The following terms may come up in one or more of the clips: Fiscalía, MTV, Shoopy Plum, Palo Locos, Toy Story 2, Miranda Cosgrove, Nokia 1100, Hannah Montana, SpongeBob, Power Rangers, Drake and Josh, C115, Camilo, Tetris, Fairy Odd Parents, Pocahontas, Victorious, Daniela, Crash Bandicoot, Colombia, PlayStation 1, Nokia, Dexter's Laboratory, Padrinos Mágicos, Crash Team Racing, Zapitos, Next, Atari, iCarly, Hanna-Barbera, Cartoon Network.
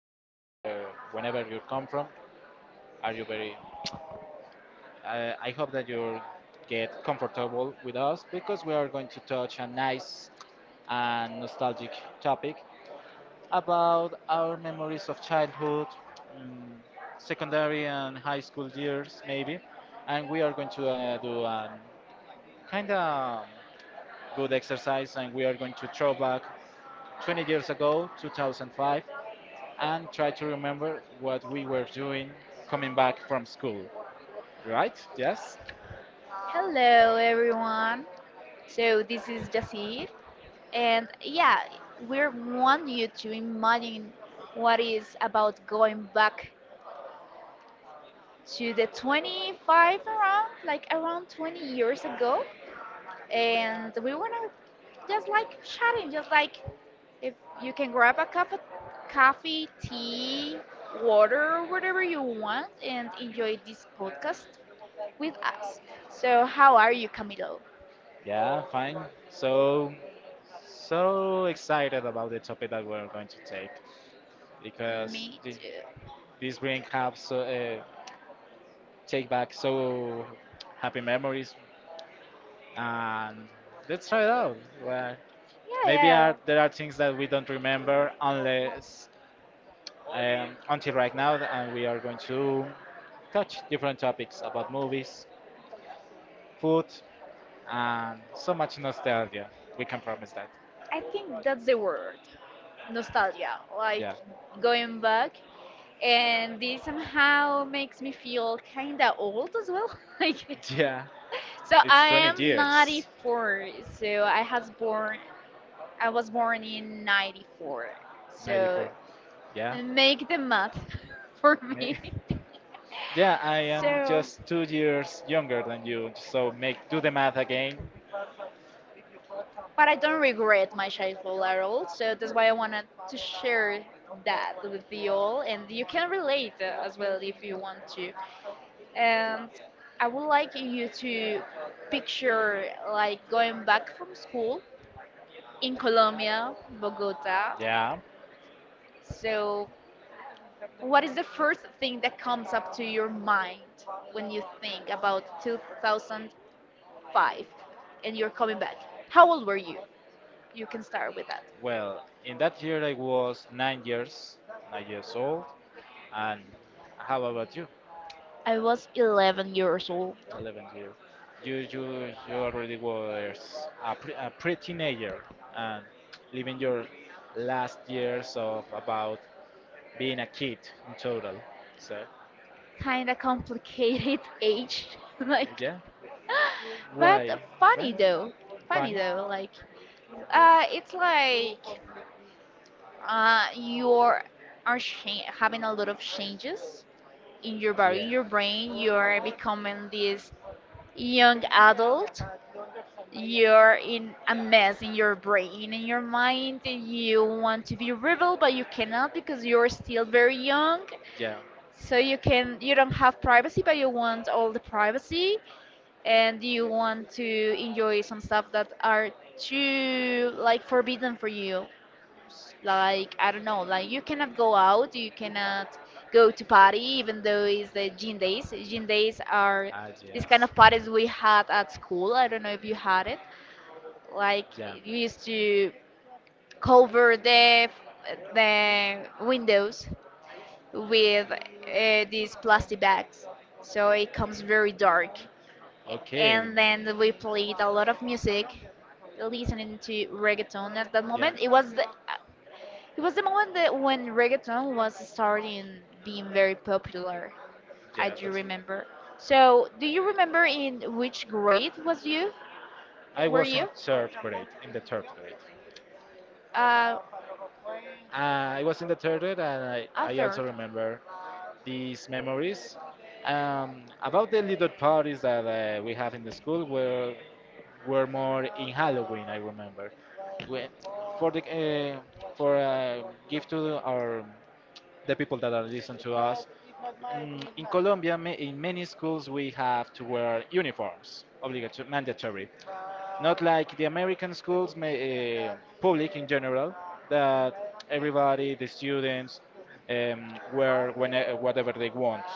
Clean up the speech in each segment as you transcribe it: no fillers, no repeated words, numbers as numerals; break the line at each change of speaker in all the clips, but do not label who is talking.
night. Where, whenever you come from, are you very? I hope that you get comfortable with us because we are going to touch a nice and nostalgic topic about our memories of childhood, mm, secondary and high school years, maybe. And we are going to do a kind of good exercise, and we are going to throw back 20 years ago, 2005, and try to remember what we were doing coming back from school. Right? Yes?
Hello, everyone. So, this is Jasir, and yeah, we want you to imagine what is about going back to the 25 around, like around 20 years ago. And we want to just like chatting, just like if you can grab a cup of coffee, tea, water, whatever you want, and enjoy this podcast with us. So, how are you, Camilo?
Yeah, fine. So, so excited about the topic that we're going to take because
Me too.
this bring have so, take back so happy memories, and let's try it out. Well,
Yeah,
maybe are, there
yeah,
are things that we don't remember
yeah.
unless until right now, and we are going to touch different topics about movies, food, and so much nostalgia. We can promise that.
I think that's the word, nostalgia. Like
Yeah.
going back, and this somehow makes me feel kinda old as well. Like,
Yeah.
so
It's
I
20
am
years.
94. So I has born. I was born in 94. So
94. Yeah.
make the math for me.
May- Yeah, I am
So.
just 2 years younger than you, so make do the math again.
But I don't regret my childhood at all. So that's why I wanted to share that with you all, and you can relate as well if you want to. And I would like you to picture like going back from school in Colombia, Bogota.
Yeah.
So, what is the first thing that comes up to your mind when you think about 2005 and you're coming back? How old were you? You can start with that.
Well, in that year I was nine years old. And how about you?
I was 11 years old.
11 years. You already was a, pre, a pre-teenager and living your last years of about being a kid in total. So
Kind of complicated age, like,
yeah, why?
but
Well,
funny though. Funny
funny.
though, like, it's like you are having a lot of changes in your body, in
Yeah,
your brain. You are becoming this young adult. You're in a mess in your brain, in your mind. You want to be rebel, but you cannot because you're still very young.
yeah.
So you don't have privacy, but you want all the privacy, and you want to enjoy some stuff that are too like forbidden for you. Like I don't know, like you cannot go out, you cannot go to party, even though it's the gym days. Gym days are
Ah,
this
yes.
kind of parties we had at school. I don't know if you had it. Like
Yeah.
you used to cover the windows with these plastic bags. So it comes very dark.
Okay.
And then we played a lot of music, listening to reggaeton at that
Yeah.
moment. It was the moment that when reggaeton was starting being very popular. I
Yeah,
do
that's right.
remember. So, do you remember in which grade was you?
I
Were
was in
you?
the third grade.
Uh,
I was in the theater, and I,
a
I also
third.
remember these memories. About the little parties that we have in the school were more in Halloween. I remember we, for the for give to our the people that are listening to us. In Colombia, ma- in many schools, we have to wear uniforms, obligatory, mandatory. Not like the American schools, may, public in general, that everybody, the students, wear when, eh, whatever they want,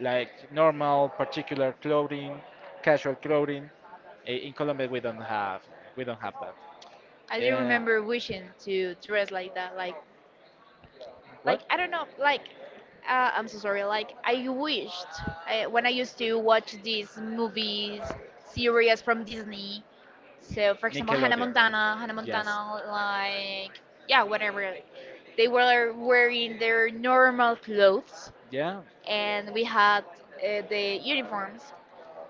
like normal, particular clothing, casual clothing. I- In Colombia, we don't have that.
I do
Uh,
remember wishing to dress like that, like
what?
I don't know, like I'm so sorry. Like I wished when I used to watch these movies, series from Disney. So for example, Hannah
Nickelodeon.
Montana, Hannah
Yes.
Montana, like yeah, whatever. They were wearing their normal clothes,
Yeah.
and we had the uniforms.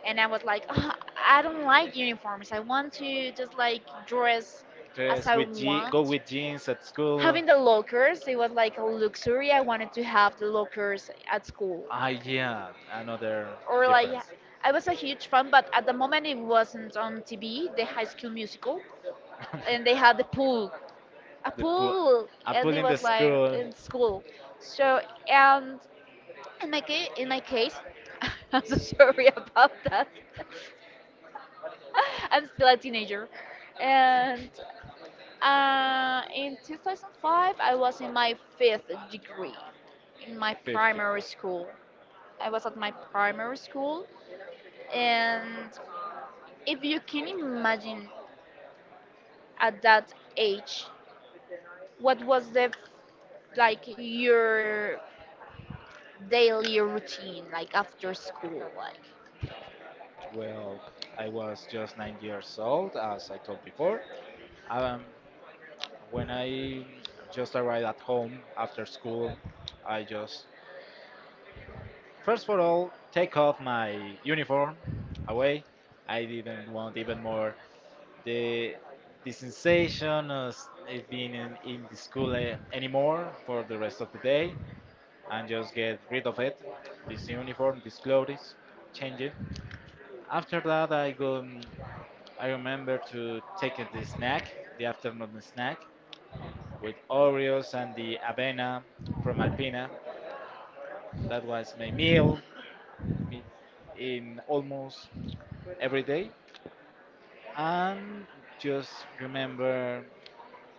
And I was like, "Ah, I don't like uniforms. I want to just like dress as
Dress
I
with je go
want."
with jeans at school.
Having the lockers, it was like a luxury. I wanted to have the lockers at school.
Ah, yeah, another
Or like,
difference.
I was a huge fan, but at the moment it wasn't on TV, the High School Musical, and they had the pool, a
The pool.
pool,
A
and
pool
it
in the
was like
school.
in school. So and in my case, I'm so sorry about that. I'm still a teenager, and in 2005, I was in my fifth degree in my
50 pool.
primary school. I was at my primary school, and if you can imagine at that age, what was like your daily routine like after school? Like,
Well, I was just nine years old, as I told before. Um, When I just arrived at home after school, I just first of all take off my uniform away. I didn't want even more the the sensation of it being in the school eh, anymore for the rest of the day and just get rid of it. This uniform, these clothes, change it. After that, I go. I remember to take the snack, the afternoon snack, with Oreos and the avena from Alpina. That was my meal in almost every day. And just remember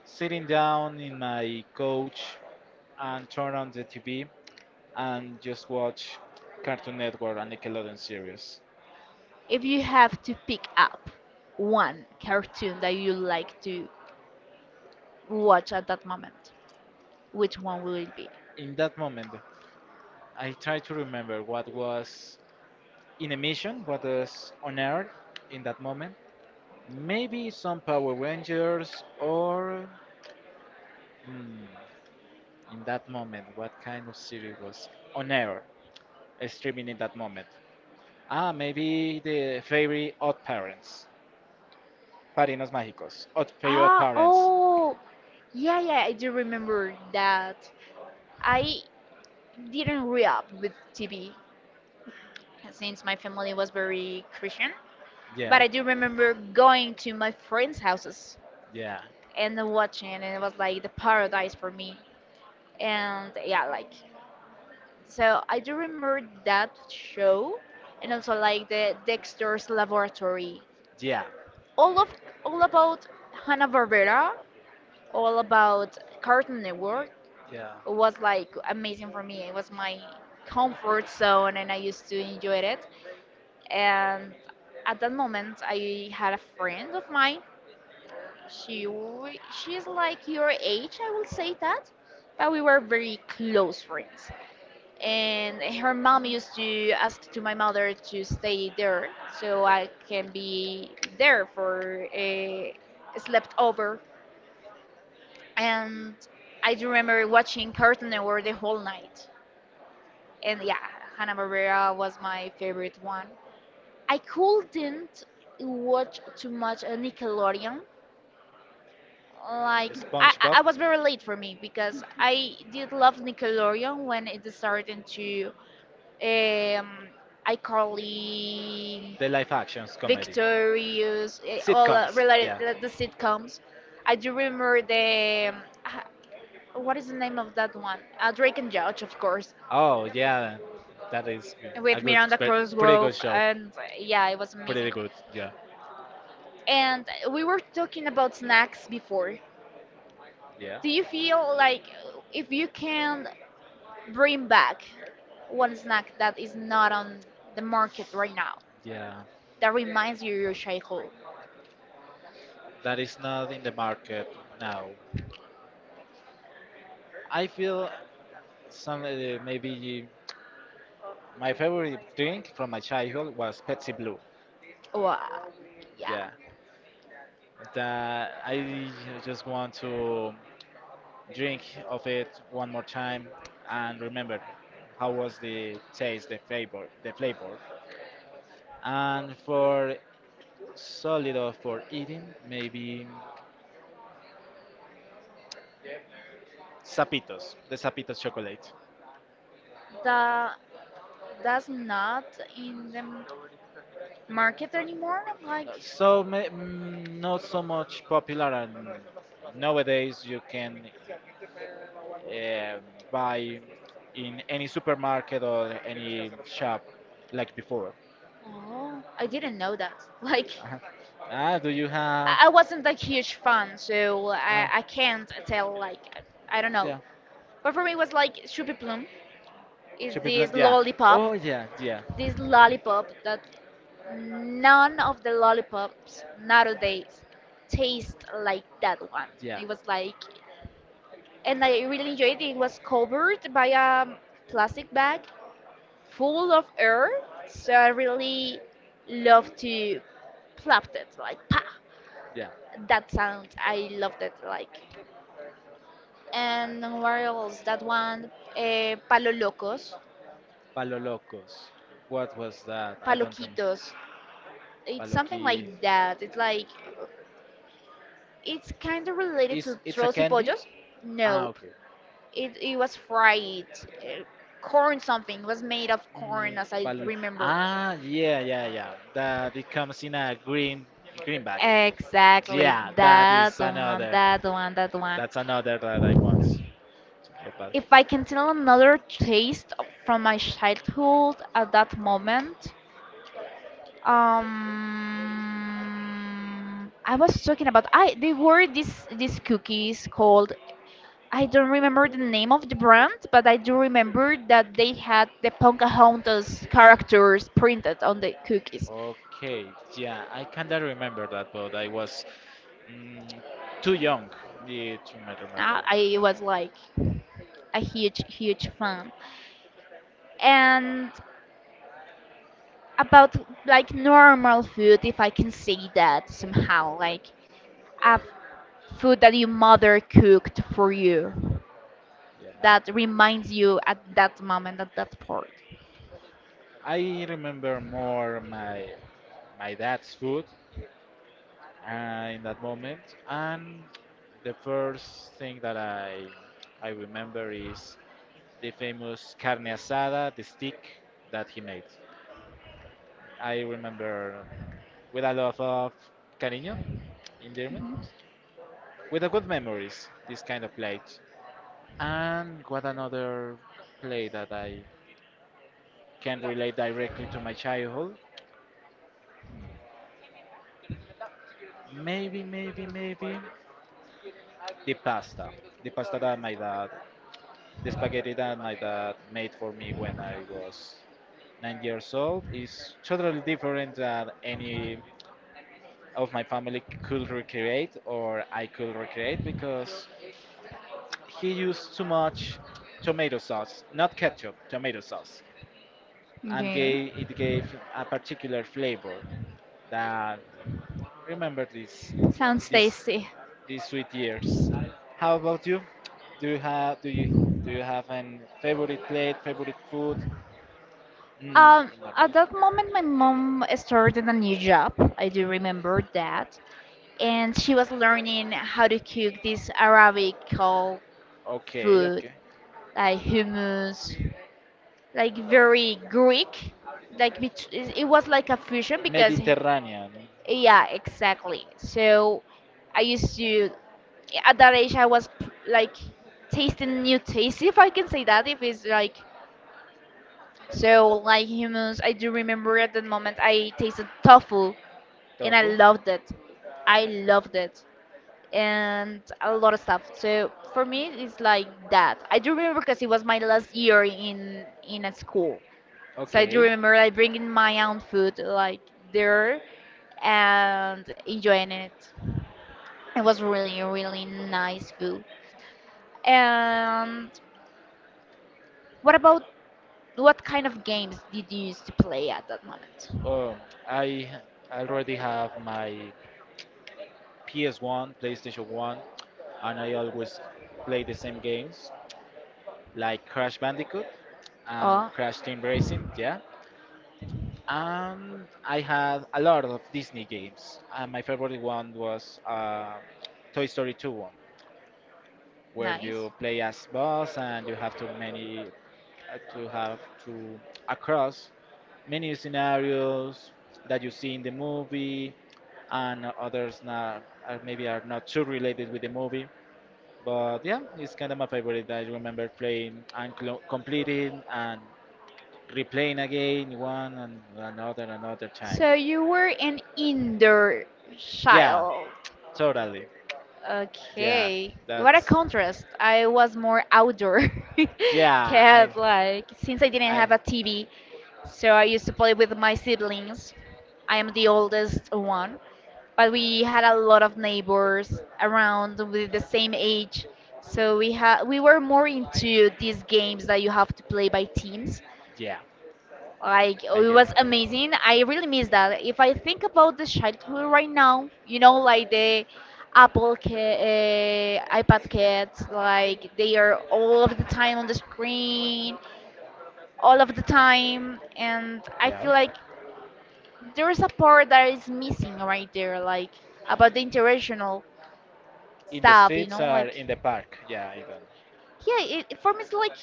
sitting down in my couch and turn on the TV and just watch Cartoon Network and Nickelodeon series.
if you have to pick up one cartoon that you like to watch at that moment, which one will it be?
In that moment, I try to remember what was in emission, what was on air in that moment. Maybe some Power Rangers or. hmm, In that moment, what kind of series was on air, streaming in that moment? Ah, maybe the Fairy Odd Parents, Padrinos Mágicos, Odd Fairy Odd
Ah,
Parents.
oh, yeah, yeah, I do remember that. I didn't grow up with TV since my family was very Christian, but
Yeah,
I do remember going to my friends' houses
yeah,
and watching, and it was like the paradise for me. And yeah, like, so I do remember that show, and also like the Dexter's Laboratory.
yeah,
All of all about Hanna-Barbera, all about Cartoon Network,
yeah.
was like amazing for me. It was my comfort zone and I used to enjoy it. And at that moment, I had a friend of mine. She's like your age, I will say that, but we were very close friends. And her mom used to ask to my mother to stay there so I can be there for a slept over. And I do remember watching Cartoon Network the whole night, and yeah, Hanna Barbera was my favorite one. I couldn't watch too much Nickelodeon. Like I, I
SpongeBob.
I was very late for me because I did love Nickelodeon when it started into um, iCarly,
The live actions comedy.
Victorious, all
Sitcoms,
related
yeah.
the sitcoms. I do remember the what is the name of that one? Drake and Josh, of course,
Oh yeah, that is good. A
with
good,
Miranda
spe- pretty
Cosgrove,
good show.
and yeah, it was amazing.
Pretty good, yeah,
And we were talking about snacks before.
yeah,
Do you feel like if you can bring back one snack that is not on the market right now,
yeah.
that reminds you of your childhood?
That is not in the market now. I feel some maybe my favorite drink from my childhood was Pepsi Blue.
Wow, yeah,
Yeah, that I just want to drink of it one more time and remember how was the taste, the flavor, the flavor. And for solid or for eating, maybe Zapitos, the Zapitos chocolate.
that that's not in the market anymore. Like,
So ma- mm, not so much popular, and nowadays you can uh, buy in any supermarket or any shop like before.
oh, I didn't know that. Like,
Uh-huh. Ah, do you have?
I wasn't a huge fan, so I
Ah,
I can't tell. Like, I don't know.
yeah.
But for me, it was like Shoopy Plum is
Should be
this
blunt, yeah.
lollipop.
Oh yeah, yeah.
This lollipop that none of the lollipops nowadays taste like that one.
Yeah,
It was like, and I really enjoyed it. It was covered by a plastic bag full of air, so I really love to plop it like pa.
yeah.
That sound, I loved it like.
Uh,
And what else? That one, palo locos,
Palo Locos. What was that? I don't remember.
paloquitos. It's something
Paloqui.
like that. It's kind of related
Is
to
it's a
trolls y
candy?
pollos.
Ah,
Nope.
okay.
It was fried. uh, Corn something. It was made of
Mm,
corn, as I
palo.
remember.
Ah, yeah, yeah, yeah. That it comes in a green bag.
Exactly,
Yeah, that is
that one,
another.
that one, that one.
That's another that I want to get back.
If I can tell another taste from my childhood at that moment, I was talking about I they were these cookies called, I don't remember the name of the brand, but I do remember that they had the Pocahontas characters printed on the cookies.
Okay, yeah, I can't remember that, but I was mm, too young yeah, to me remember.
I was like a huge, huge fan. And about like normal food, if I can say that somehow, like a food that your mother cooked for you
Yeah,
that reminds you at that moment, at that part.
I remember more my dad's food in that moment, and the first thing that I remember is the famous carne asada, the stick that he made. I remember with a lot of cariño in German with a good memories. This kind of play. And what another play that I can relate directly to my childhood? Maybe the pasta. The pasta that my dad, the spaghetti that my dad made for me when I was nine years old is totally different than any of my family could recreate or I could recreate because he used too much tomato sauce, not ketchup, tomato sauce, and
Okay.
gave, it gave a particular flavor that remember
Sounds tasty.
these sweet years. How about you? Do you do you have an favorite plate, favorite food? In
At
normal.
that moment, my mom started a new job. I do remember that. And she was learning how to cook this Arabic food,
Okay, okay.
like hummus, like very Greek. Like it was like a fusion because,
Mediterranean
yeah, exactly. So I used to, at that age, I was like tasting new taste, if I can say that, if it's like. So, like humans, I do remember at that moment I tasted tofu and I
tofu.
loved it. I loved it. And a lot of stuff. So, for me, it's like that. I do remember because it was my last year in a school. So, I do
Okay.
remember like bringing my own food like there and enjoying it. It was really, really nice food. And what about what kind of games did you used to play at that moment?
Oh, I already have my PS1, PlayStation 1, and I always play the same games like Crash Bandicoot and
Oh,
Crash Team Racing, yeah. And I had a lot of Disney games, and my favorite one was Toy Story 2 one, where
nice.
you play as boss and you have to many to have to across many scenarios that you see in the movie and others not, are maybe are not too related with the movie. But yeah, it's kind of my favorite. I remember playing and clo- completing and replaying again one and another another time.
So you were an indoor
Yeah,
child.
totally. Yeah,
Okay. What a
that's
contrast. I was more outdoor
yeah.
cat, like since I didn't
I
have a TV, so I used to play with my siblings. I am the oldest one, but we had a lot of neighbors around with the same age. So we were more into these games that you have to play by teams.
yeah,
Like it
I get
was
it.
amazing. I really miss that. If I think about the childhood right now, you know, like the iPad kids, like they are all of the time on the screen, all of the time, and I
Yeah,
feel like there is a part that is missing right there, like about the interactional
in the
stuff. You
streets
know,
or
like
in the park. Yeah, I don't.
yeah, for me it's like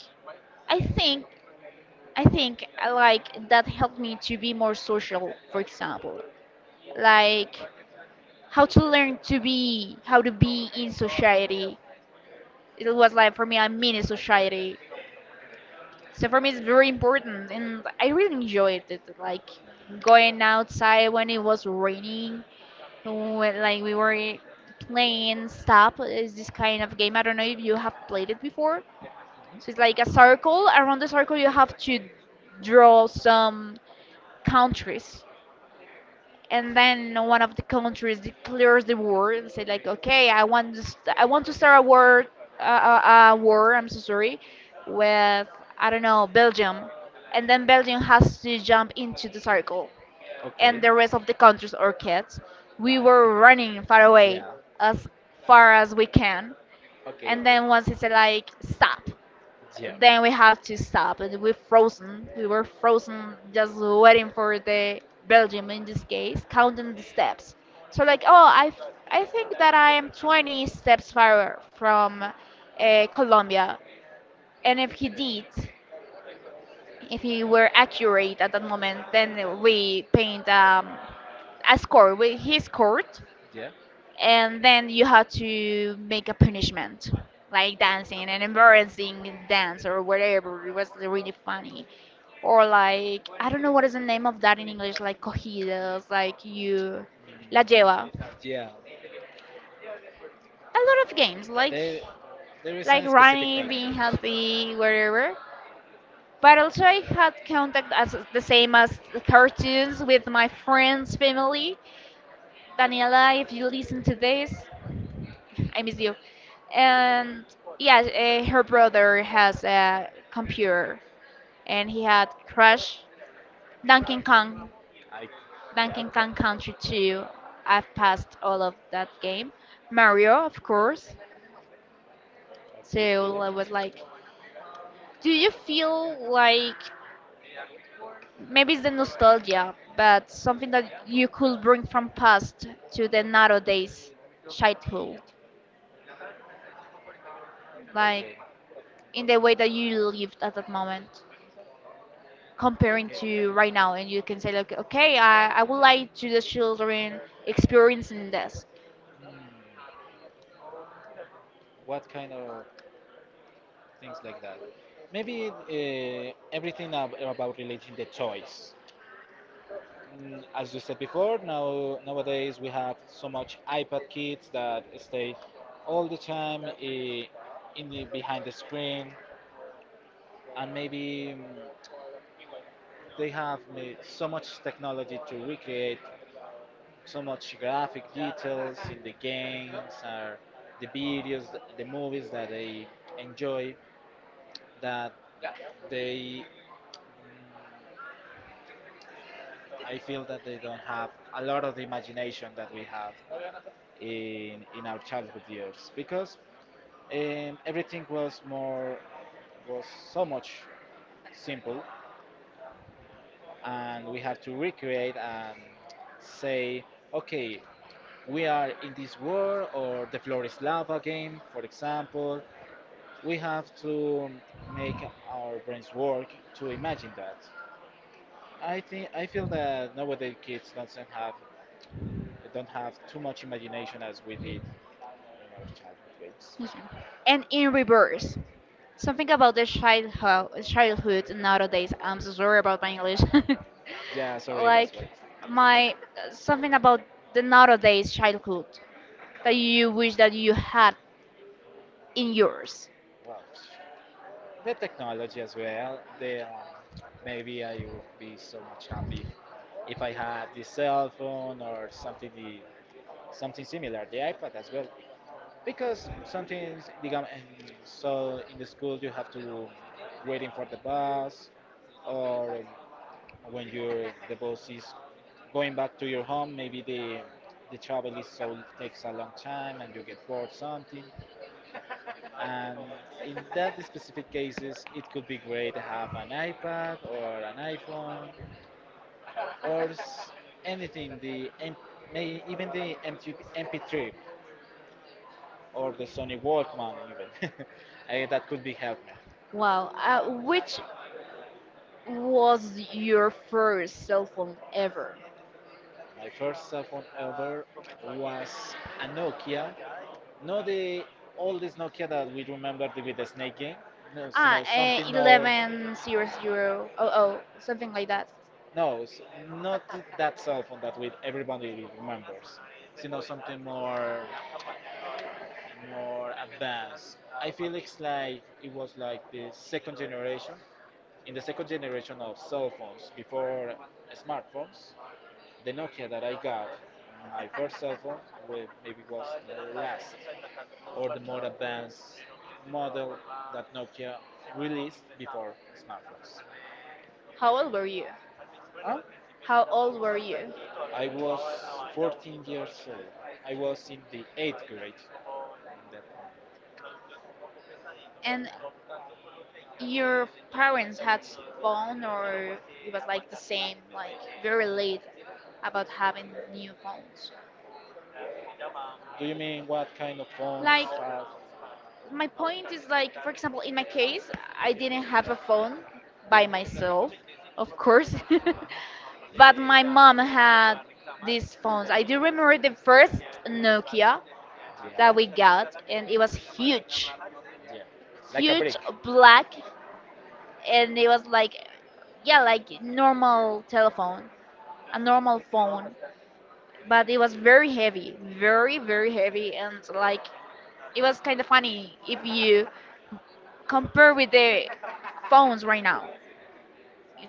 I think I think like that helped me to be more social, for example. Like how to be in society. It was like for me I'm in a society, so for me it's very important, and I really enjoyed it, like going outside when it was raining, when, like we were playing stop. Is this kind of game, I don't know if you have played it before. So
Mhm.
it's like a circle. Around the circle you have to draw some countries, and then one of the countries declares the war and say like, okay, I want to start a war, I'm so sorry, with, I don't know, Belgium. And then Belgium has to jump into the circle, and
Okay.
the rest of the countries, or kids, we were running far away
Yeah.
as far as we can.
Okay,
And
okay.
then once he said like stop,
Yeah.
then we have to stop, and we frozen. We were frozen, just waiting for the Belgium in this case, counting the steps. So like, oh, I think that I am 20 steps far from Colombia. And if he did, if he were accurate at that moment, then we paint a score. We, he scored,
Yeah.
and then you have to make a punishment like dancing an embarrassing dance or whatever. It was really funny. Or like, I don't know what is the name of that in English, like cogidas, like you la
Mm,
lleva,
yeah.
a lot of games
There, there is
like
a specific
running,
name in
being
English, but
healthy, whatever. But also I had contact, as the same as the cartoons, with my friends' family. Daniela, if you listen to this, I miss you. And yeah, her brother has a computer, and he had Crash,
I,
Donkey Kong,
I, yeah,
Donkey
I.
Kong Country 2. I've passed all of that game. Mario, of course.
Okay,
So
cool.
I was like, do you feel like maybe it's the nostalgia, but something that you could bring from past to the nowadays childhood, like
Okay,
in the way that you lived at that moment? Comparing
okay.
to right now, and you can say like, okay, I would like to the children experiencing this.
Hmm, what kind of things like that? Maybe everything ab- about relating the toys. As you said before, now nowadays we have so much iPad kids that stay all the time in the behind the screen, and maybe they have ma- so much technology to recreate so much graphic details in the games or the videos, the movies that they enjoy that they mm, I feel that they don't have a lot of the imagination that we have in our childhood years because everything was more was so much simple, and we have to recreate and say, okay, we are in this war or the floor is lava game, for example. We have to make our brains work to imagine that. I think I feel that nowadays kids doesn't have don't have too much imagination as we did in our childhood games.
Yes. And in reverse, something about the childhood nowadays. I'm so sorry about my english.
Yeah, sorry, it was
Like
well.
my, something about the nowadays childhood that you wish that you had in yours.
Wow, the technology as well. The maybe I would be so much happy if I had the cell phone or something the something similar, the iPad as well, because sometimes become. And so in the school you have to waiting for the bus or when you the bus is going back to your home, maybe the travel is so takes a long time and you get bored something. And in that specific cases, it could be great to have an iPad or an iPhone or s- anything, the M- may, even the MT- MP3 or the Sony Walkman even. Eh, that could be helpful.
Wow. Which was your first cell phone ever?
My first cell phone ever was a Nokia. Not the oldest Nokia that we remember with the Snake game. No, you
Ah,
know,
eh,
something more.
110000, something like that.
No, s- not that cell phone that with everybody remembers. You know, something more, more advanced. I feel it's like it was like the second generation. In the second generation of cell phones before smartphones, the Nokia that I got, my first cell phone, with maybe was the last or the more advanced model that Nokia released before smartphones.
How old were you?
Huh?
How old were you?
I was 14 years old. I was in the 8th grade in that moment.
And your parents had phone, or it was like the same, like very late about having new phones?
Do you mean what kind of phones
Like,
have?
my point is like, for example, in my case, I didn't have a phone by
Yeah.
myself, of course, but my mom had these phones. I do remember the first Nokia that we
Yeah.
got, and it was huge.
Yeah. Like a
Huge,
brick.
black. And it was like, yeah, like normal telephone, a normal phone, but it was very heavy, very very heavy. And like, it was kind of funny if you compared with the phones right now.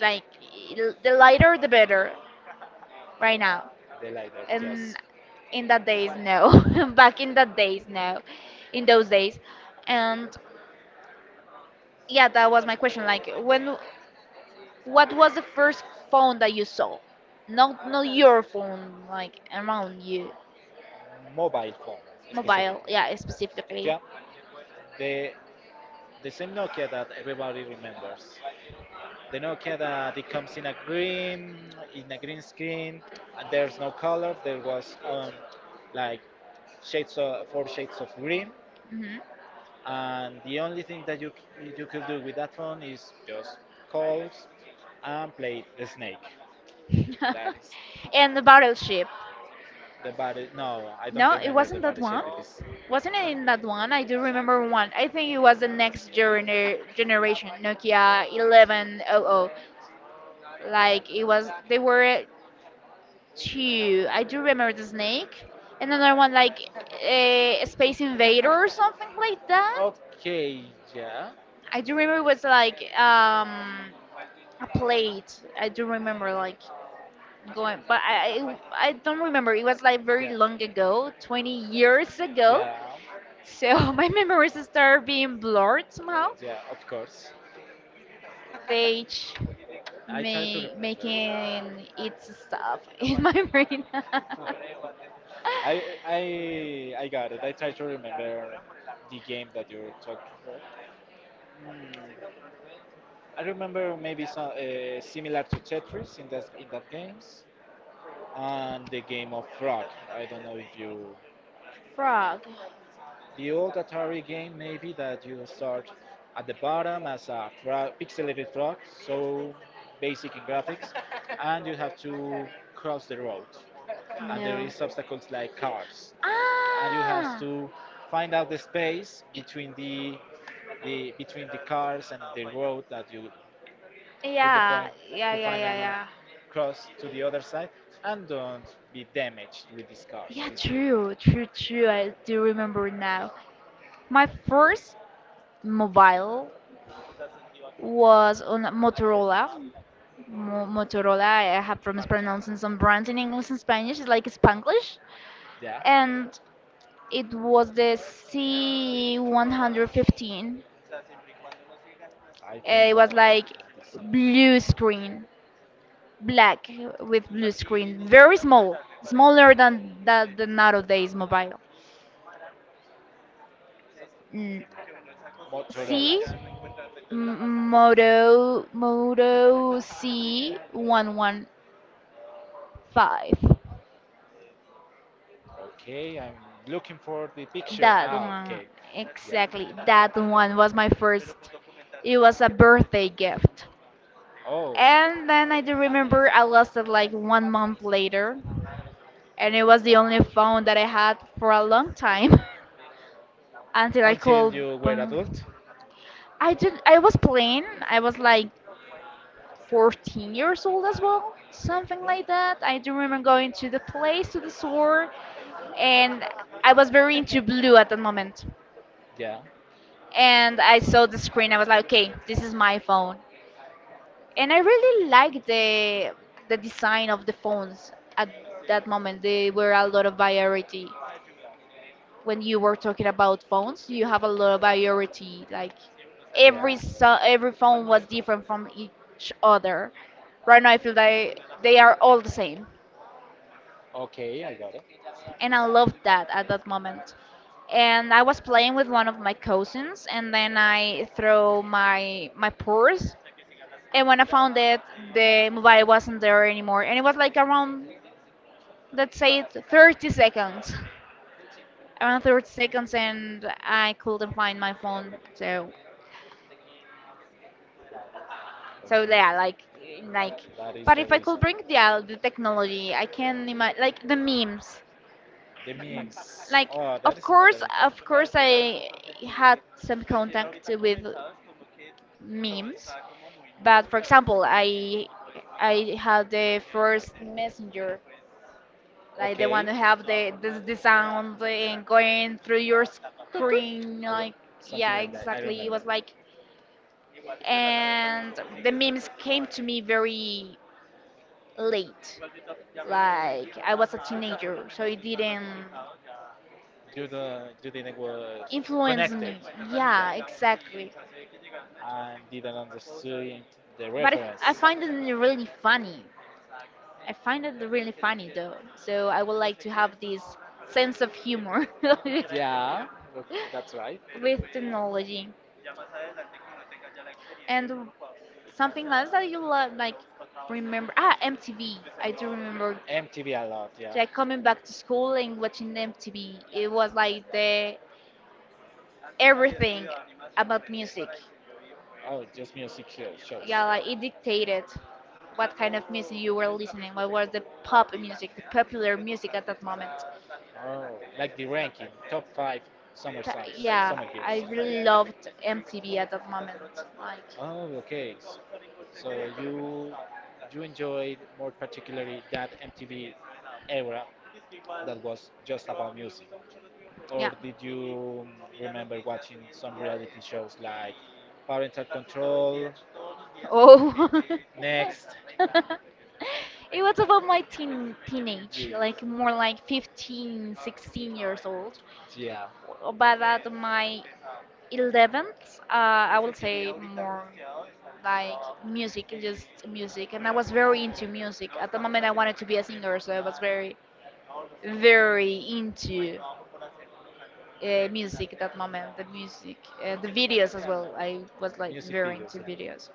Like, the lighter the better right now.
The LiDAR,
And
yes.
in that days no. Back in that days no. In those days. And yeah, that was my question. Like, when, what was the first phone that you saw? Not your phone, like around you.
Mobile phone
Mobile,
specifically.
yeah, specifically.
Yeah, the the same Nokia that everybody remembers. The Nokia that it comes in a green screen and there's no color. There was like shades of, four shades of green,
Hmm.
and the only thing that you c- you could do with that phone is just calls and play the snake. That is
And the battleship.
the body. No, I don't
No, it
remember the
wasn't that
body shape.
one.
It is.
Wasn't it in that one? I do remember one. I think it was the next generation, Nokia 1100. Like it was, they were two. I do remember the snake, and another one like a Space Invader or something like that.
Okay, yeah,
I do remember it was like a plate. I do remember like going, but I don't remember. It was like very
yeah,
long ago, 20 years ago.
yeah,
So my memories start being blurred somehow.
yeah, of course.
They ch-
I try to remember.
making it stuff in my brain.
I got it. I try to remember the game that you're talking about. Hmm. I remember maybe so, similar to Tetris in that games and the game of Frog. I don't know if you
Frog.
the old Atari game maybe that you start at the bottom as a frog, pixelated frog, so basic in graphics, and you have to cross the road, and there
No.
is obstacles like cars, and you have to find out the space
Ah.
between the between the cars and the road that you with the
Yeah,
point
yeah,
to
yeah, yeah,
finally
yeah.
cross to the other side and don't be damaged with these cars,
Yeah,
these vehicles.
true, true, true. I do remember now. My first mobile was on a Motorola. Mo Motorola, I have problems pronouncing some brands in English and Spanish. It's like Spanglish.
Yeah,
And it was the C115.
I think
It was
that I
like
had this
blue screen. Black with blue screen, very small, smaller than that the nowadays mobile. Mm,
in Motorola.
C,
So.
Moto C 115.
Okay, I'm looking for the picture.
That
Ah,
one
okay. Yeah.
exactly. That one was my first. It was a birthday gift,
Oh,
and then I do remember I lost it like one month later, and it was the only phone that I had for a long time until I
until
called.
you were adult?
I did. I was playing. I was like 14 years old as well, something
Yeah.
like that. I do remember going to the place, to the store, and I was very into blue at that moment.
Yeah.
And I saw the screen. I was like, okay, this is my phone. And I really liked the design of the phones at that moment. They were a lot of variety. When you were talking about phones, you have a lot of variety. Like every
Yeah.
so, every phone was different from each other. Right now, I feel like they are all the same,
Okay, I got it.
and I loved that at that moment. And I was playing with one of my cousins, and then I threw my purse, and when I found it, the mobile wasn't there anymore, and it was like around, let's say it, 30 seconds, around 30 seconds, and I couldn't find my phone. So, so
Okay,
yeah, like,
that is
but
the
if I could
reason.
bring the technology, I can imagine like the memes.
The memes.
Like,
Oh, that is another important
of course
thing.
I had some contact with memes. But for example, I had the first messenger, like the one
Okay.
who have the the sound and going through your
Toot toot.
screen.
I wa-
Like,
something
yeah,
like that. I
exactly. It
remember.
was like, and the memes came to me very late. Like, I was a teenager, so it didn't
You do you didn't was
influence
connected.
me.
Yeah,
Yeah, exactly.
and didn't understand the
But
reference.
I find it really funny. I find it really funny though. So I would like to have this sense
Sense of
of
humor.
humor
Yeah, tha- that's right.
with technology. And something else that you love, like remember? Ah, MTV. I do remember
MTV a lot, yeah. Like
like
coming
coming back
back
to
to school
school
and
and
watching
watching
M T
MTV.
V,
It
it was
was
like
like
the.
the everything about music.
Oh, just music show- shows.
Yeah,
Yeah,
like it
it dictated.
dictated what kind of music you were listening. What was the pop music, the popular music at that moment.
Oh, like the ranking, top five summer songs, yeah,
Yeah,
summer I hits,
I
and
really
everything loved
loved
M T
MTV
V at
at that moment. Like.
the time. Oh, okay. S- So you enjoyed more particularly that MTV era that was just about music. Or
Yeah.
did you remember watching some reality shows like Parental Control,
Oh.
Next?
It was about my teenage,
Yes.
like more like 15, 16 years old,
Yeah,
but at my 11th, I would say more like music, just music. And I was very into music. At the moment, I wanted to be a singer, so I was very, very into music at that moment, the music, the videos as well. I was like
music
very
videos,
into
yeah,
videos.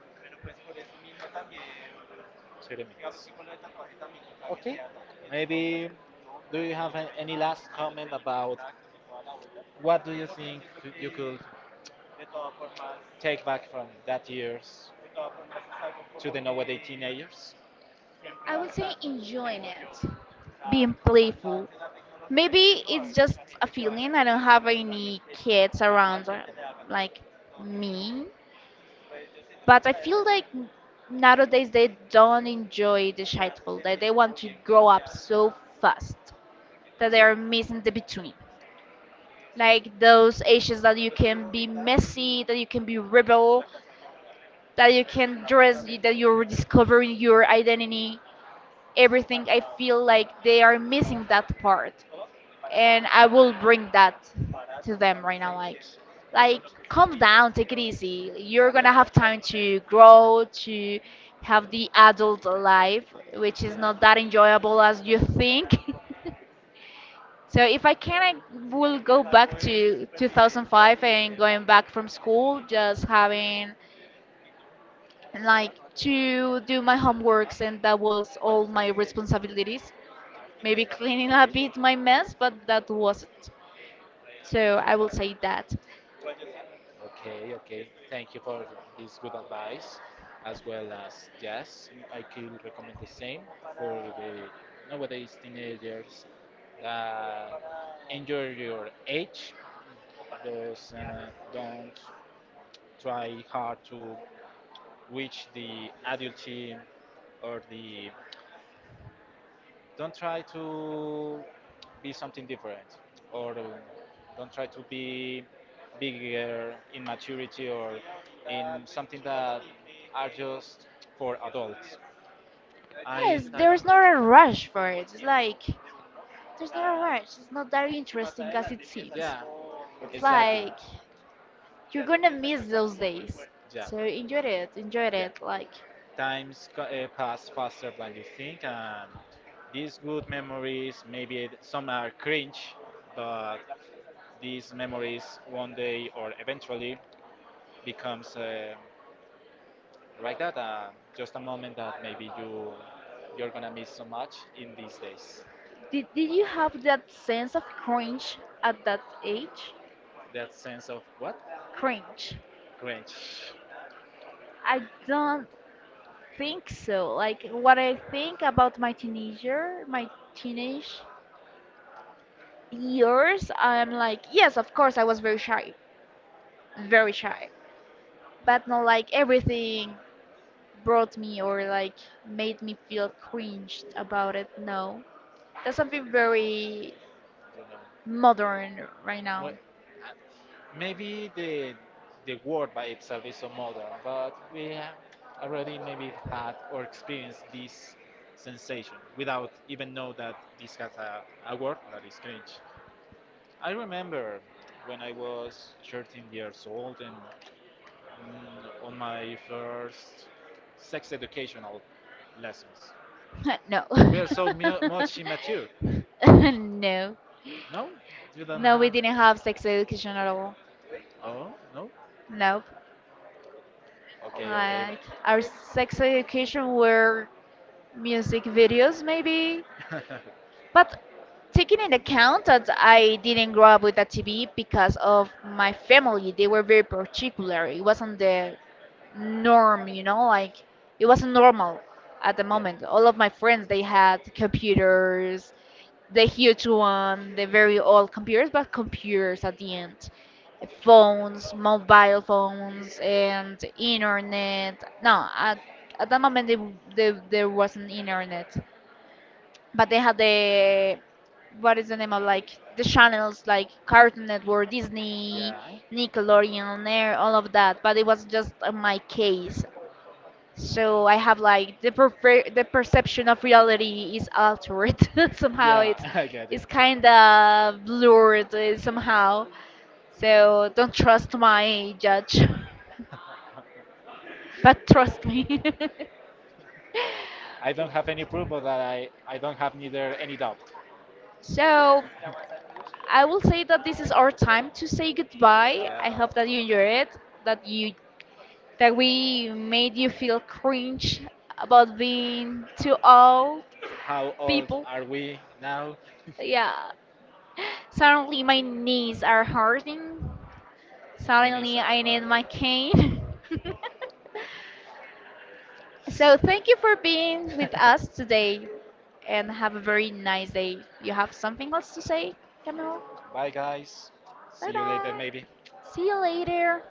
30 minutes. Okay, maybe do you have a- any last comment about what do you think could- you could take back from that years to the nowadays teenagers?
I would say enjoying it, being playful. Maybe it's just a feeling. I don't have any kids around like me, but I feel like nowadays they don't enjoy the childhood. That they want to grow up so fast that they are missing the between. Like those ages that you can be messy, that you can be rebel, that you can dress, that you're discovering your identity. Everything, I feel like they are missing that part, and I will bring that to them right now. Like, calm down, take it easy. You're
Yeah.
gonna have time to grow, to have the adult life, which is
Yeah.
not that enjoyable as
Yeah.
you think. So if I can, I will go back to 2005 and going back from school, just having like to do my homeworks, and that was all my responsibilities. Maybe cleaning a
Okay.
bit my mess, but that was it. So I will say that.
Okay, okay. Thank you for this good advice, as well as yes, I could recommend the same for the nowadays teenagers that enjoy your age, those don't try hard to reach the adulthood or the don't try to be something different or don't try to be bigger in maturity or in something that are just for adults. I,
Yes,
I
there's not a rush for it. It's like, there's not a rush. It's not that interesting as it seems.
Yeah,
It's
exactly.
like you're gonna miss those days.
Yeah,
So enjoy it, enjoy
yeah.
it. Like,
Times pass faster than you think, and these good memories, maybe some are cringe, but these memories one day or eventually becomes like that, just a moment that maybe you're gonna miss so much in these days.
did you have that sense of cringe at that age?
That sense of what?
Cringe.
Cringe.
I don't think so. Like, what I think about my teenager, my teenage years, I'm like, yes, of course, I was very shy, but not like everything brought me or like made me feel cringed about it. No, that's something very
You know.
modern right now.
Mu- maybe the word by itself is so modern, but we have already maybe had or experienced this sensation without even know that this has a word that is cringe. I remember when I was 13 years old and on my first sex educational lessons.
No.
We are so mu- much immature.
No.
No, you don't
No, we
have.
didn't have sex education at all.
Oh no.
Nope.
Okay, okay.
Like, our sex education were music videos, maybe. But taking into account that I didn't grow up with a TV because of my family, they were very particular. It wasn't the norm, you know, like it wasn't normal at the
Yeah,
moment. All of my friends, they had computers, the huge one, the very old computers, but computers at the end. Phones, mobile phones, and internet. No, at that moment, they, there wasn't internet, but they had the, what is the name of like the channels like Cartoon Network, Disney, Nickelodeon, Air, all of that. But it was just my case, so I have like the the perception of reality is altered somehow.
yeah, yeah. I get it.
It's kind of blurred somehow. So don't trust my judge, but trust me.
I don't have any proof, but I don't have neither any doubt.
So I will say that this is our time to say goodbye. I
Yeah.
hope that you enjoyed it, that you, that we made you feel cringe about being too old
How old
people.
are we now?
Yeah. Suddenly my knees are hurting.
My knees
Suddenly
are
I need
hard.
my cane. So thank you for being with us today and have a very nice day. You have something else to say, Camille?
Bye, guys.
Bye
See you later,
bye.
maybe.
See you later.